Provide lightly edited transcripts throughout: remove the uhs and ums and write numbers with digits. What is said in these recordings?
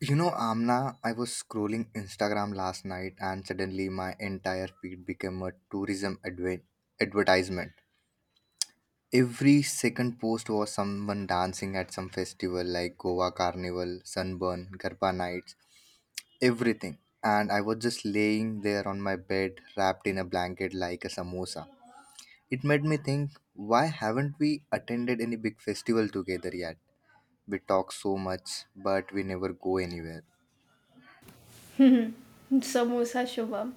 You know, Amna, I was scrolling Instagram last night and suddenly my entire feed became a tourism advertisement. Every second post was someone dancing at some festival like Goa Carnival, Sunburn, Garba Nights, everything. And I was just laying there on my bed, wrapped in a blanket like a samosa. It made me think, why haven't we attended any big festival together yet? We talk so much, but we never go anywhere. Samosa Shubham.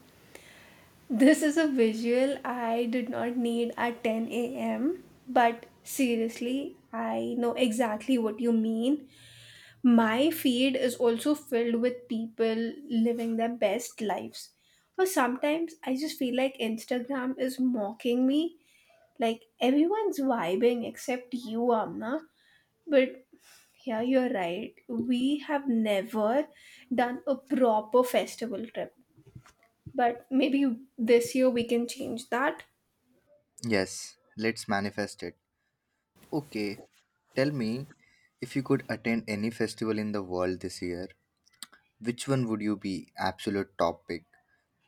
This is a visual I did not need at 10 a.m., but seriously, I know exactly what you mean. My feed is also filled with people living their best lives. Or sometimes I just feel like Instagram is mocking me. Like everyone's vibing except you, Amna. But yeah, you're right. We have never done a proper festival trip. But maybe this year we can change that. Yes, let's manifest it. Okay, tell me if you could attend any festival in the world this year, which one would you be? Absolute top pick.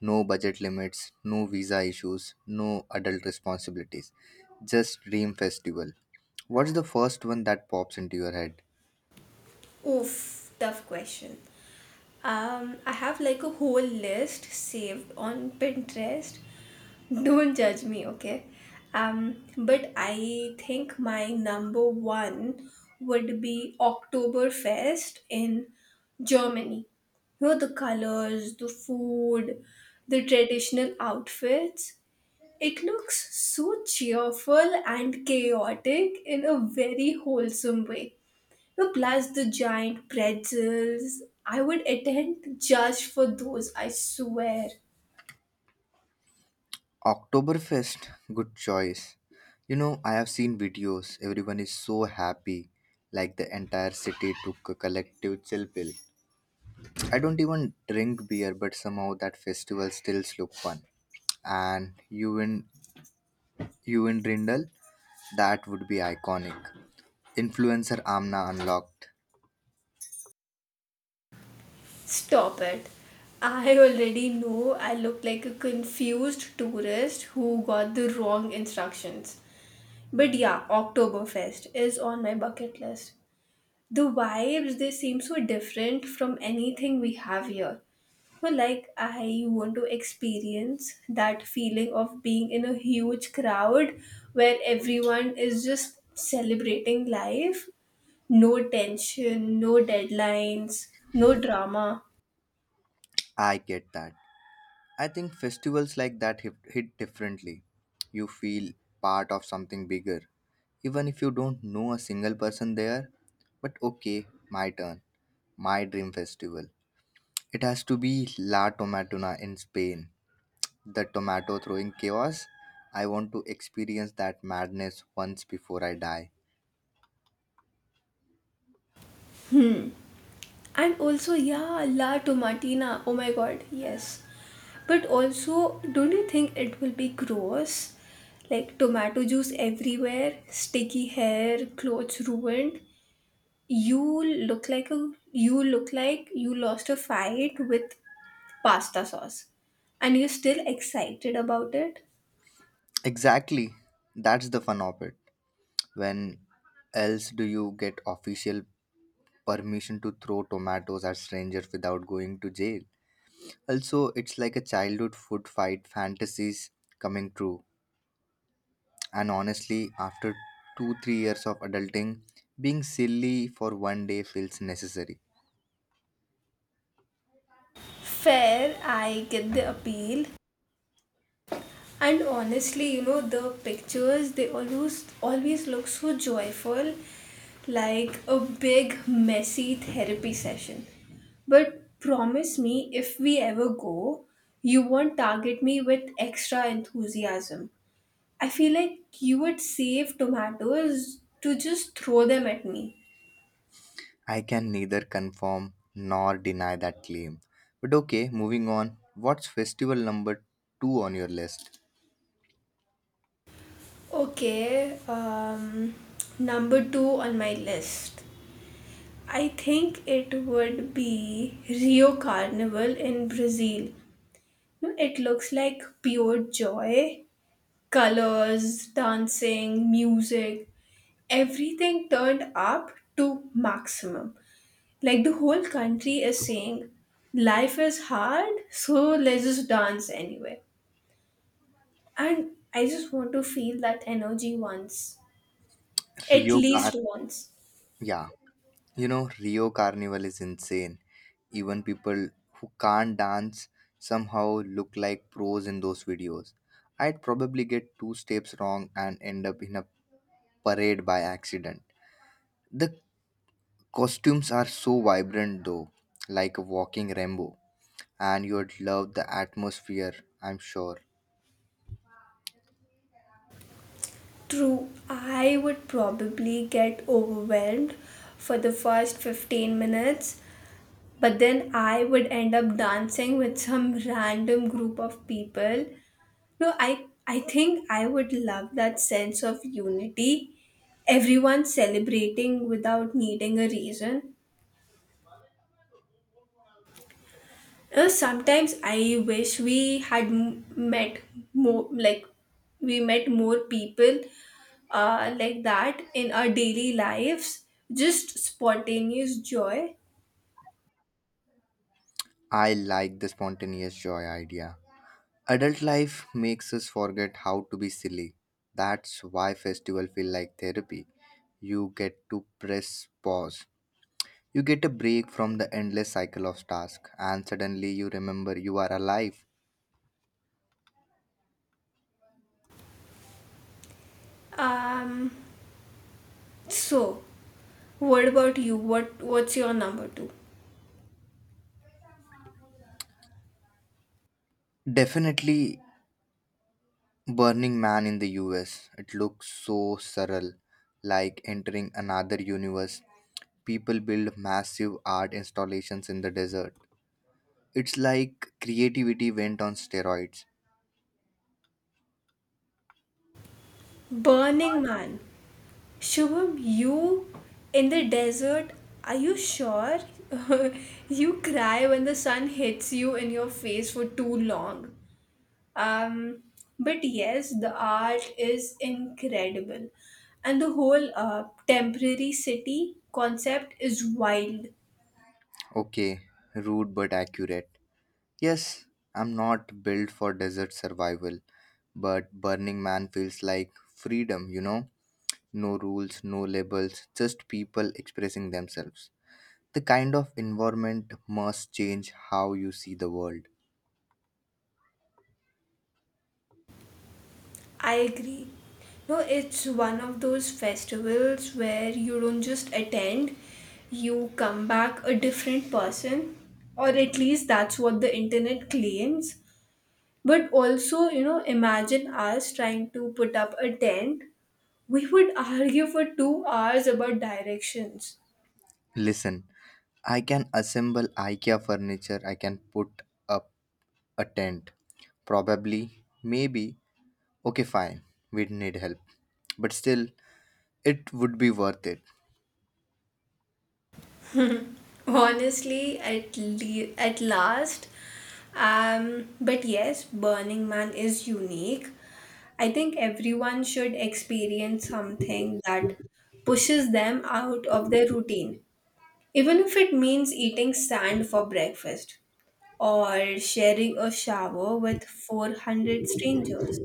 No budget limits, no visa issues, no adult responsibilities. Just dream festival. What's the first one that pops into your head? Oof, tough question. I have like a whole list saved on Pinterest. Don't judge me, okay? But I think my number one would be Oktoberfest in Germany. You know, the colors, the food, the traditional outfits. It looks so cheerful and chaotic in a very wholesome way. No, plus the giant pretzels. I would attend just for those, I swear. Oktoberfest, good choice. You know, I have seen videos, everyone is so happy, like the entire city took a collective chill pill. I don't even drink beer, but somehow that festival still look fun. And you in Rindal, that would be iconic. Influencer Amna unlocked. Stop it. I already know I look like a confused tourist who got the wrong instructions. But yeah, Oktoberfest is on my bucket list. The vibes, they seem so different from anything we have here, so like I want to experience that feeling of being in a huge crowd where everyone is just celebrating life. No tension, no deadlines, no drama. I get that. I think festivals like that hit differently. You feel part of something bigger, even if you don't know a single person there. But okay, my turn, my dream festival. It has to be La Tomatona in Spain. The tomato throwing chaos. I want to experience that madness once before I die. Hmm. And also, yeah, La Tomatina. Oh my god, yes. But also, don't you think it will be gross? Like tomato juice everywhere, sticky hair, clothes ruined. You look like a you look like you lost a fight with pasta sauce. And you're still excited about it? Exactly. That's the fun of it. When else do you get official permission to throw tomatoes at strangers without going to jail? Also, it's like a childhood food fight fantasies coming true. And honestly, after 2 3 years of adulting, being silly for one day feels necessary. Fair, I get the appeal. And honestly, you know, the pictures, they always look so joyful, like a big messy therapy session. But promise me if we ever go, you won't target me with extra enthusiasm. I feel like you would save tomatoes to just throw them at me. I can neither confirm nor deny that claim. But okay, moving on. What's festival number two on your list? Okay, number 2 on my list. I think it would be Rio Carnival in Brazil. No, it looks like pure joy. Colors, dancing, music, everything turned up to maximum. Like the whole country is saying, life is hard, so let's just dance anyway. And I just want to feel that energy once, at Rio Car. least once. Yeah. You know, Rio Carnival is insane. Even people who can't dance somehow look like pros in those videos. I'd probably get two steps wrong and end up in a parade by accident. The costumes are so vibrant though, like a walking rainbow, and you'd love the atmosphere, I'm sure. True, I would probably get overwhelmed for the first 15 minutes, but then I would end up dancing with some random group of people. No, I think I would love that sense of unity. Everyone celebrating without needing a reason. You sometimes I wish we had m- met more like we met more people like that in our daily lives, just spontaneous joy. I like the spontaneous joy idea. Adult life makes us forget how to be silly. That's why festival feel like therapy. You get to press pause. You get a break from the endless cycle of tasks and suddenly you remember you are alive. Um, so, what about you? What's your number two? Definitely Burning Man in the US. It looks so surreal, like entering another universe. People build massive art installations in the desert. It's like creativity went on steroids. Burning Man. Shubham, you in the desert, are you sure? You cry when the sun hits you in your face for too long. Um, but yes, the art is incredible. And the whole temporary city concept is wild. Okay, rude but accurate. Yes, I'm not built for desert survival, but Burning Man feels like freedom, you know? No rules, no labels, just people expressing themselves. The kind of environment must change how you see the world. I agree. No, it's one of those festivals where you don't just attend, you come back a different person, or at least that's what the internet claims. But also, you know, imagine us trying to put up a tent. We would argue for 2 hours about directions. Listen, I can assemble IKEA furniture, I can put up a tent. Probably, maybe, okay, fine. We need help. But still, it would be worth it. Honestly, at last. But yes, Burning Man is unique. I think everyone should experience something that pushes them out of their routine, even if it means eating sand for breakfast or sharing a shower with 400 strangers.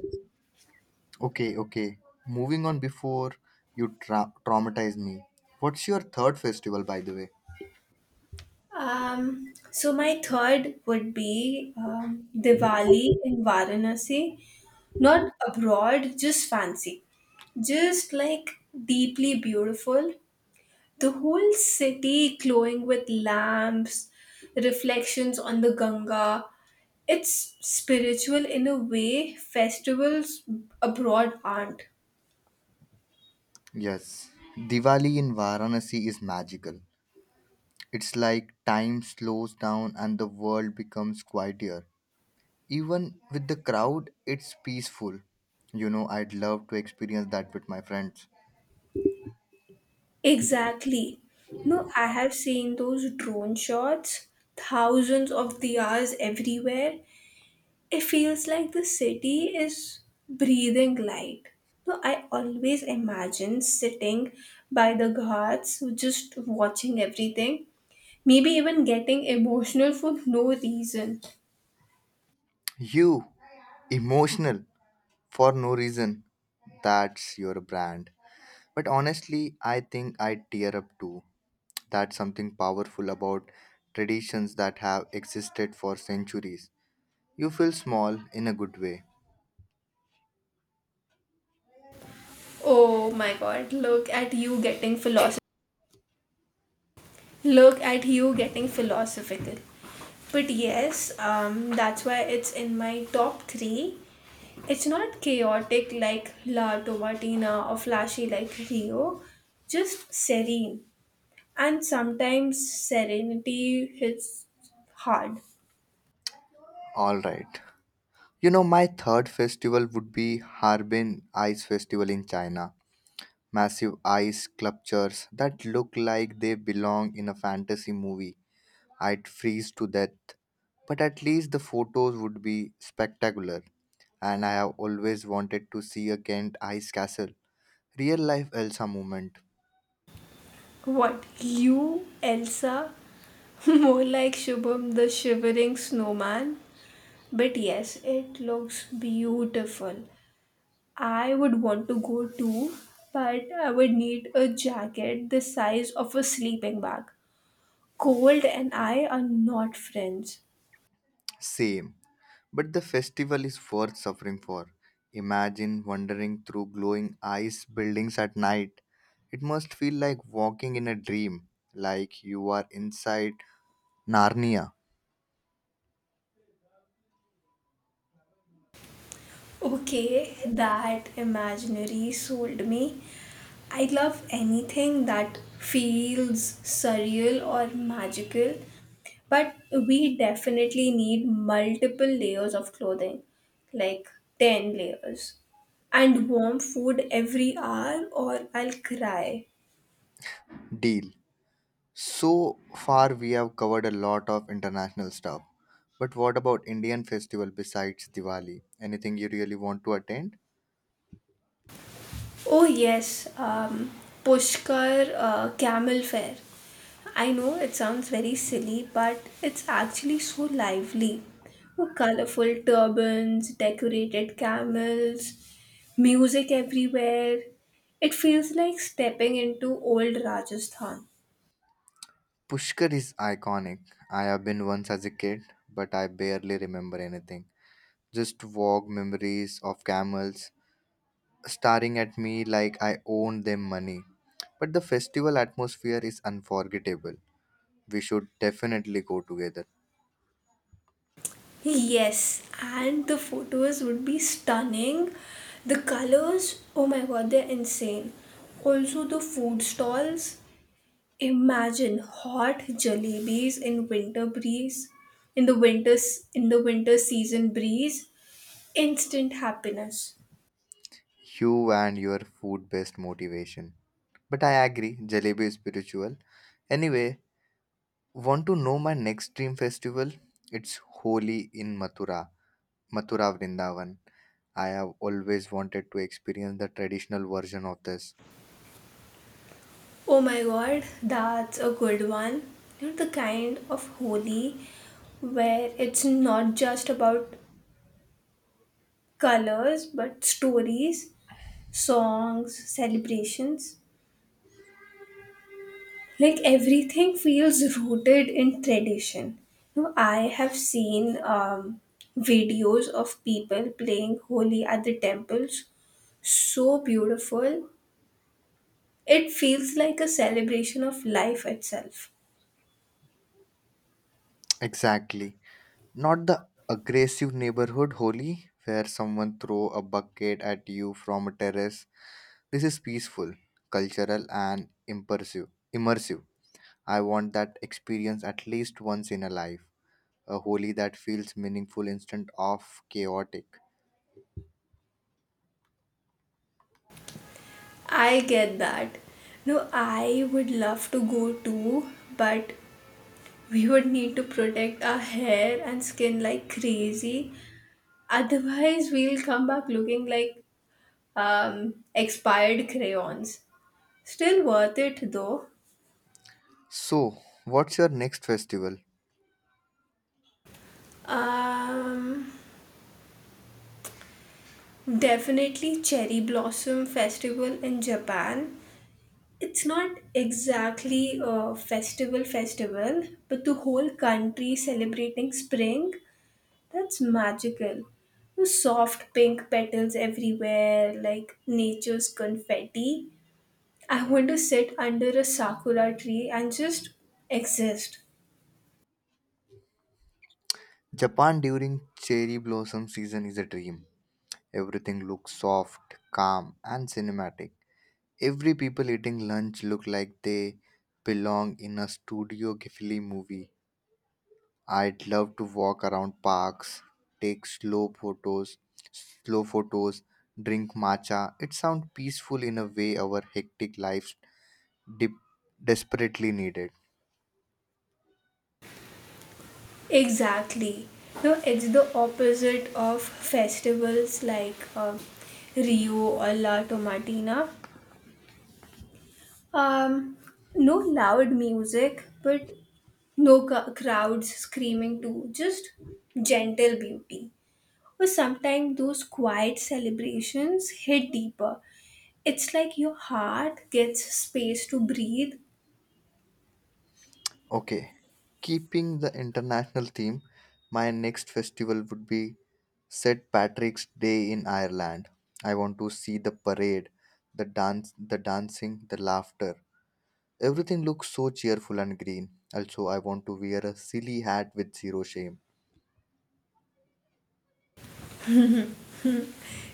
Okay, okay. Moving on before you traumatize me. What's your third festival, by the way? So my third would be Diwali in Varanasi, not abroad, just fancy, just like deeply beautiful. The whole city glowing with lamps, reflections on the Ganga. It's spiritual in a way festivals abroad aren't. Yes. Diwali in Varanasi is magical. It's like time slows down and the world becomes quieter. Even with the crowd, it's peaceful. You know, I'd love to experience that with my friends. Exactly. No, I have seen those drone shots, thousands of diyas everywhere. It feels like the city is breathing light. So I always imagine sitting by the ghats, just watching everything, maybe even getting emotional for no reason. You, emotional for no reason. That's your brand. But honestly, I think I tear up too. That's something powerful about traditions that have existed for centuries. You feel small in a good way. Oh my god, look at you getting philosophical. Look at you getting philosophical. But yes, that's why it's in my top three. It's not chaotic like La Tomatina or flashy like Rio, just serene. And sometimes serenity hits hard. Alright. You know, my third festival would be Harbin Ice Festival in China. Massive ice sculptures that look like they belong in a fantasy movie. I'd freeze to death. But at least the photos would be spectacular. And I have always wanted to see a Kent ice castle. Real life Elsa moment, What, you, Elsa? More like Shubham the shivering snowman? But yes, it looks beautiful. I would want to go too, but I would need a jacket the size of a sleeping bag. Cold and I are not friends. same. But the festival is worth suffering for. Imagine wandering through glowing ice buildings at night. It must feel like walking in a dream, like you are inside Narnia. Okay, that imaginary sold me. I love anything that feels surreal or magical, but we definitely need multiple layers of clothing, like 10 layers, and warm food every hour, or I'll cry. Deal. So far, we have covered a lot of international stuff. But what about Indian festival besides Diwali? Anything you really want to attend? Oh yes, Pushkar Camel Fair. I know it sounds very silly, but it's actually so lively. Colorful turbans, decorated camels, music everywhere. It feels like stepping into old Rajasthan. Pushkar is iconic. I have been once as a kid, but I barely remember anything, just vague memories of camels staring at me like I owned them money. But the festival atmosphere is unforgettable. We should definitely go together. Yes, and the photos would be stunning. The colors, oh my god, they're insane. Also, the food stalls. Imagine hot jalebis in winter breeze, in the winter in the winter season breeze, instant happiness. You and your food based motivation. But I agree, jalebi is spiritual. Anyway, want to know my next dream festival? It's Holi in Mathura Vrindavan. I have always wanted to experience the traditional version of this. Oh my god, that's a good one. You know, the kind of holy where it's not just about colors but stories, songs, celebrations. Like everything feels rooted in tradition. You know, I have seen videos of people playing holi at the temples, so beautiful. It feels like a celebration of life itself. Exactly. Not the aggressive neighborhood holy where someone throw a bucket at you from a terrace. This is peaceful, cultural and immersive. I want that experience at least once in a life. A holy that feels meaningful instead of chaotic. I get that. No, I would love to go too, but we would need to protect our hair and skin like crazy, otherwise we'll come back looking like expired crayons. Still worth it though. So, what's your next festival? Um, Definitely Cherry Blossom Festival in Japan. It's not exactly a festival festival, but the whole country celebrating spring, that's magical. The soft pink petals everywhere, like nature's confetti. I want to sit under a sakura tree and just exist. Japan during cherry blossom season is a dream. Everything looks soft, calm, and cinematic. Every people eating lunch look like they belong in a Studio Ghibli movie. I'd love to walk around parks, take slow photos, slow photos, drink matcha. It sounds peaceful in a way our hectic lives de- desperately needed. Exactly. No, it's the opposite of festivals like Rio or La Tomatina. Um, no loud music, but no ca- crowds screaming too, just gentle beauty. Or sometimes those quiet celebrations hit deeper. It's like your heart gets space to breathe. Okay, keeping the international theme, my next festival would be St. Patrick's Day in Ireland. I want to see the parade, the dancing, the laughter. Everything looks so cheerful and green. Also, I want to wear a silly hat with zero shame.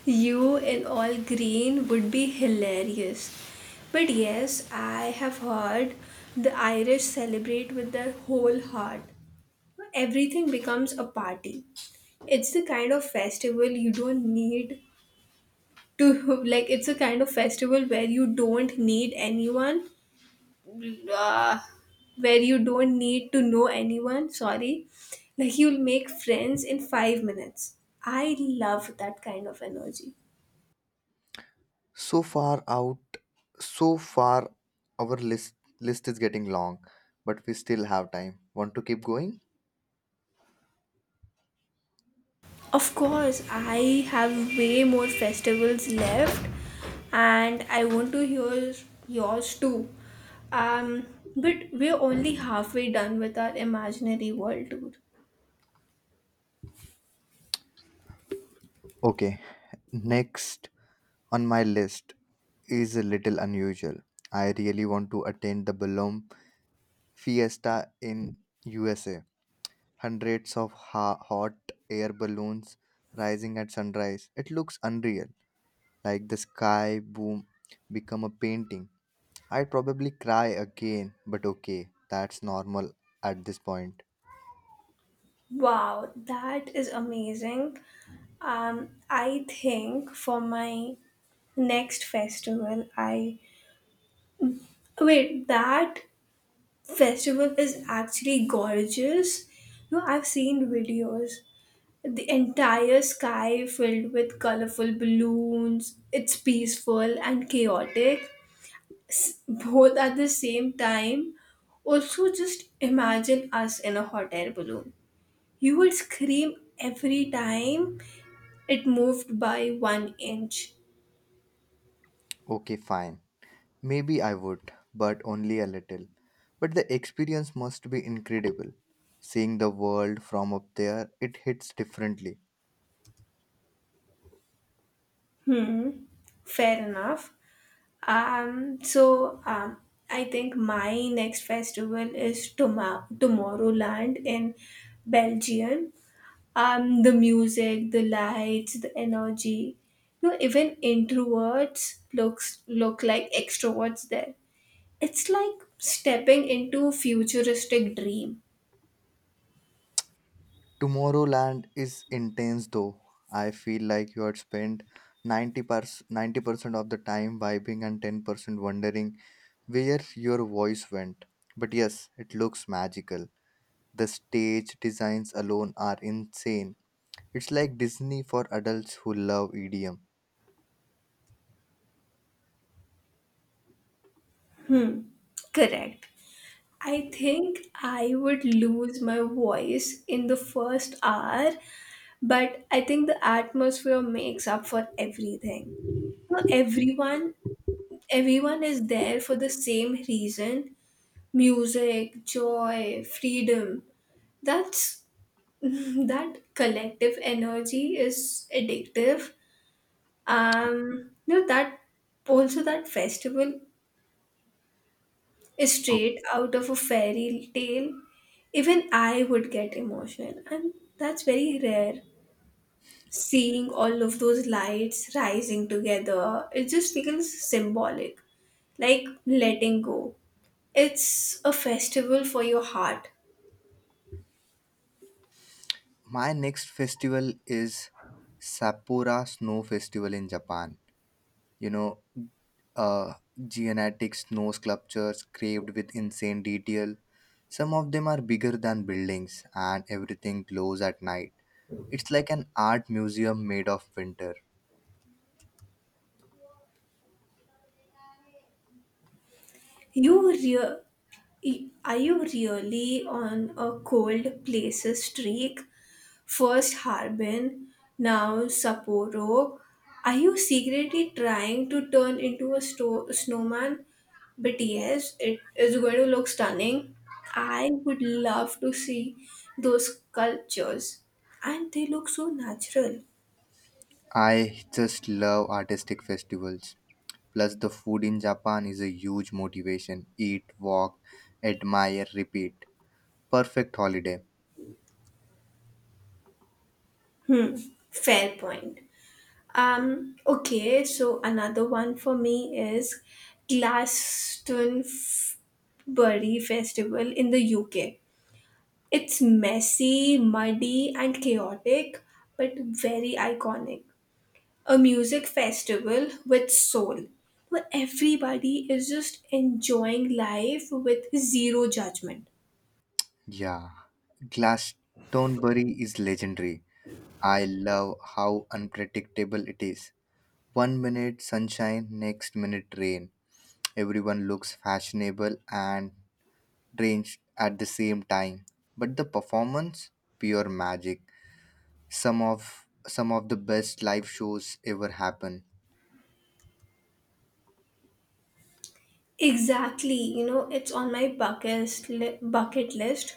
You in all green would be hilarious. But yes, I have heard the Irish celebrate with their whole heart. Everything becomes a party. It's the kind of festival you don't need to, like, it's a kind of festival where you don't need anyone, uh, where you don't need to know anyone, sorry. Like, you'll make friends in 5 minutes. I love that kind of energy. So far out, so far, our list is getting long, but we still have time. Want to keep going? Of course, I have way more festivals left, and I want to hear yours too. Um, but we're only halfway done with our imaginary world tour. Okay. Next on my list is a little unusual. I really want to attend the Balloon Fiesta in USA. Hundreds of hot air balloons rising at sunrise. It looks unreal, like the sky boom become a painting. I'd probably cry again, but okay, that's normal at this point. Wow, that is amazing. I think for my next festival, I wait, That festival is actually gorgeous. No, I've seen videos. The entire sky filled with colorful balloons. It's peaceful and chaotic, both at the same time. Also, just imagine us in a hot air balloon. You would scream every time it moved by one inch. Okay, fine. Maybe I would, but only a little. But the experience must be incredible. Seeing the world from up there, it hits differently. Hmm, fair enough. Um, so um, I think my next festival is Tomorrowland in Belgium. The music, the lights, the energy. You know, even introverts look like extroverts there. It's like stepping into a futuristic dream. Tomorrowland is intense though. I feel like you had spent 90 ninety percent of the time vibing and 10% wondering where your voice went. But yes, it looks magical. The stage designs alone are insane. It's like Disney for adults who love EDM. Hmm, correct. I think I would lose my voice in the first hour, but I think the atmosphere makes up for everything. You know, everyone is there for the same reason: music, joy, freedom. That's that collective energy is addictive. You know that, also, that festival is straight out of a fairy tale. Even I would get emotional, and that's very rare. Seeing all of those lights rising together, it just feels symbolic, like letting go. It's a festival for your heart. My next festival is Sapporo Snow Festival in Japan. You know, uh, genetic snow sculptures carved with insane detail. Some of them are bigger than buildings, and everything glows at night. It's like an art museum made of winter. You rea- are you really on a cold places streak? First Harbin, now Sapporo. Are you secretly trying to turn into a snowman? But yes, it is going to look stunning. I would love to see those sculptures, and they look so natural. I just love artistic festivals. Plus, the food in Japan is a huge motivation. Eat, walk, admire, repeat. Perfect holiday. Hmm, fair point. Okay, so another one for me is Glastonbury Festival in the UK. It's messy, muddy, and chaotic, but very iconic. A music festival with soul, where everybody is just enjoying life with zero judgment. Yeah. Glastonbury is legendary. I love how unpredictable it is. One minute sunshine, next minute rain. Everyone looks fashionable and drenched at the same time. But the performance, pure magic. Some of some of the best live shows ever happen. Exactly, you know, it's on my bucket list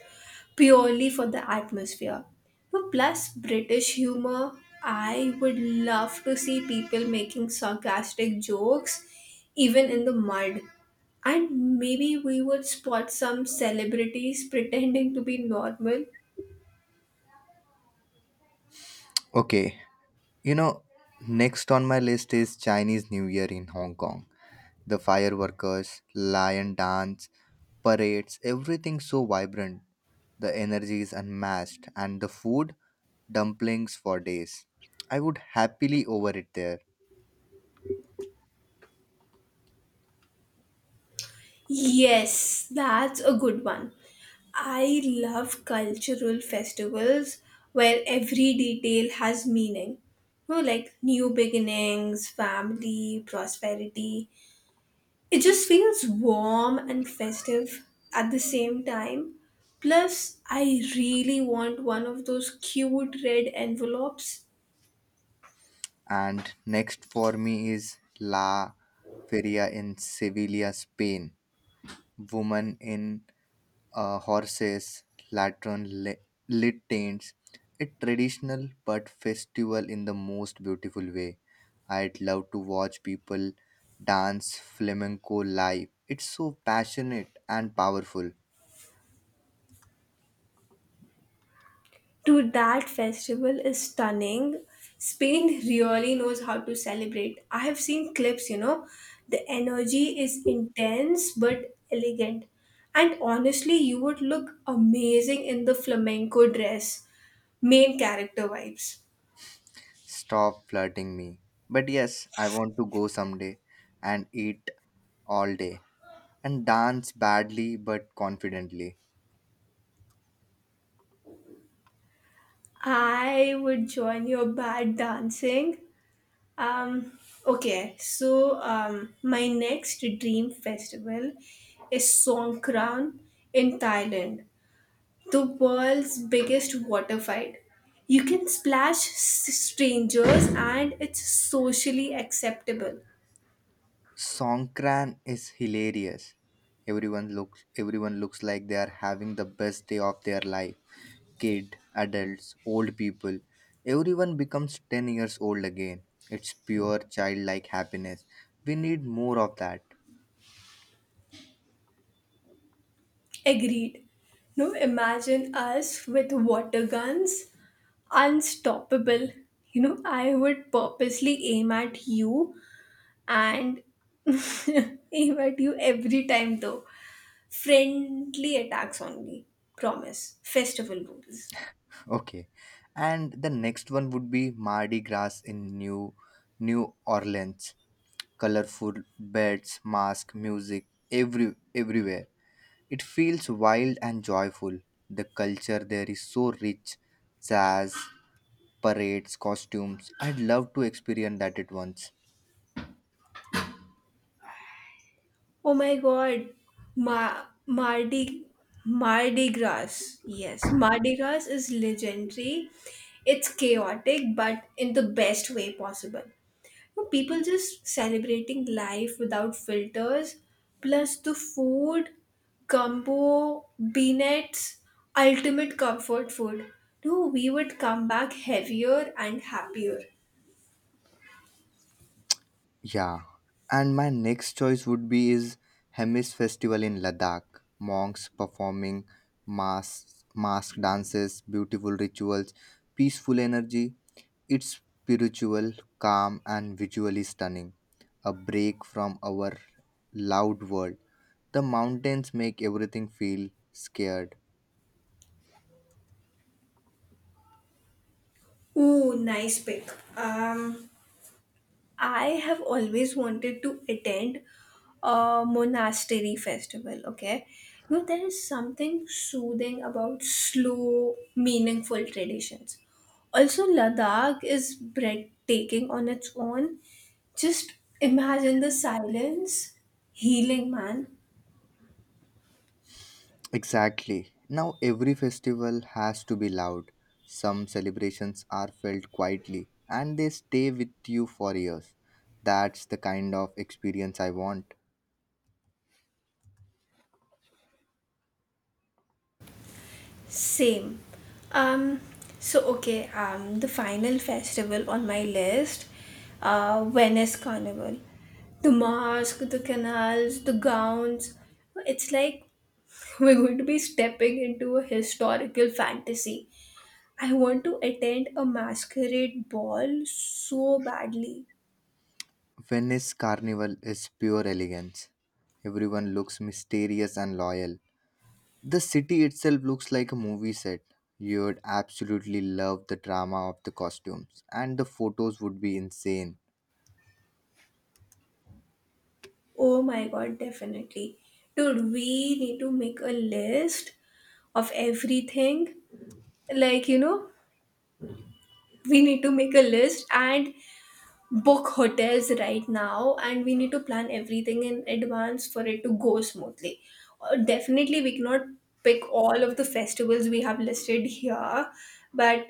purely for the atmosphere. But plus British humor, I would love to see people making sarcastic jokes even in the mud. And maybe we would spot some celebrities pretending to be normal. Okay, you know, next on my list is Chinese New Year in Hong Kong. The fireworkers, lion dance, parades, everything so vibrant. The energy is unmatched, and the food, dumplings for days. I would happily over it there. Yes, that's a good one. I love cultural festivals where every detail has meaning. You know, like new beginnings, family, prosperity. It just feels warm and festive at the same time. Plus, I really want one of those cute red envelopes. And next for me is La Feria in Sevilla, Spain. Women in horses, lantern lit tents, a traditional but festival in the most beautiful way. I'd love to watch people dance flamenco live. It's so passionate and powerful. To that festival is stunning. Spain really knows how to celebrate. I have seen clips, you know. The energy is intense but elegant. And honestly, you would look amazing in the flamenco dress. Main character vibes. Stop flirting me. But yes, I want to go someday and eat all day and dance badly but confidently. I would join your bad dancing. Um, okay, so my next dream festival is Songkran in Thailand, the world's biggest water fight. You can strangers and it's socially acceptable. Songkran is hilarious. Everyone looks like they are having the best day of their life. Kid, adults, old people, everyone becomes 10 years old again. It's pure childlike happiness. We need more of that. Agreed. No, imagine us with water guns, unstoppable. You know, I would purposely aim at you and aim at you every time though. Friendly attacks only. Promise. Festival rules. Okay. And the next one would be Mardi Gras in New Orleans. Colorful beds, mask, music, everywhere. It feels wild and joyful. The culture there is so rich, jazz, parades, costumes. I'd love to experience that at once. Oh my God, Ma- Mardi Mardi Gras. Yes, Mardi Gras is legendary. It's chaotic, but in the best way possible. You know, people just celebrating life without filters. Plus the food, gumbo, beanettes, ultimate comfort food. No, we would come back heavier and happier. Yeah, and my next choice would be is Hemis Festival in Ladakh. Monks performing mass mask dances, beautiful rituals, peaceful energy. It's spiritual, calm, and visually stunning. A break from our loud world. The mountains make everything feel scared. Ooh, nice pick. Um, I have always wanted to attend a monastery festival, okay? You know, there is something soothing about slow, meaningful traditions. Also, Ladakh is breathtaking on its own. Just imagine the silence, healing, man. Exactly. Now every festival has to be loud. Some celebrations are felt quietly and they stay with you for years. That's the kind of experience I want. Same. Um, the final festival on my list, Venice Carnival. The mask, the canals, the gowns. It's like we're going to be stepping into a historical fantasy. I want to attend a masquerade ball so badly. Venice Carnival is pure elegance. Everyone looks mysterious and loyal. The city itself looks like a movie set. You would absolutely love the drama of the costumes, and the photos would be insane. Oh my god, definitely. Dude, we need to make a list of everything. Like, you know, we need to make a list and book hotels right now and we need to plan everything in advance for it to go smoothly. Definitely we cannot pick all of the festivals we have listed here, but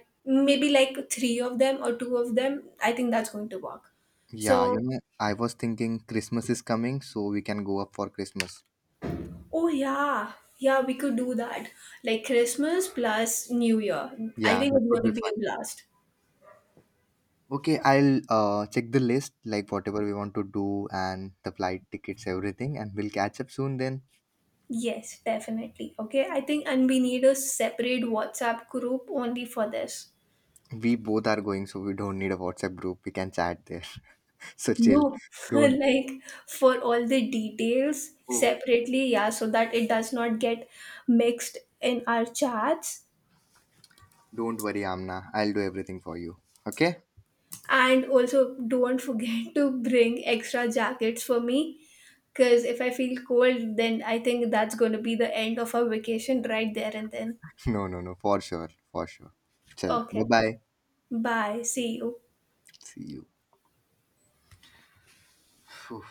maybe like three of them or two of them. I think that's going to work. so Yeah, you know, I was thinking Christmas is coming, so we can go up for Christmas. oh yeah, yeah, we could do that, like Christmas plus New Year. I Yeah, think that it's would going be to be fun. a blast. Okay, I'll check the list, like whatever we want to do and the flight tickets, everything, and we'll catch up soon then. Yes, definitely. Okay, I think, and we need a separate WhatsApp group only for this. We both are going, so we don't need a WhatsApp group. We can chat there. so chill. No, Don't like for all the details oh, separately, yeah, so that it does not get mixed in our chats. don't worry, Amna. I'll do everything for you. Okay? And also, don't forget to bring extra jackets for me because if I feel cold, then I think that's going to be the end of our vacation right there and then. No, no, no, for sure, for sure. Chalo. Bye Okay, bye. bye. See you. See you. Phew.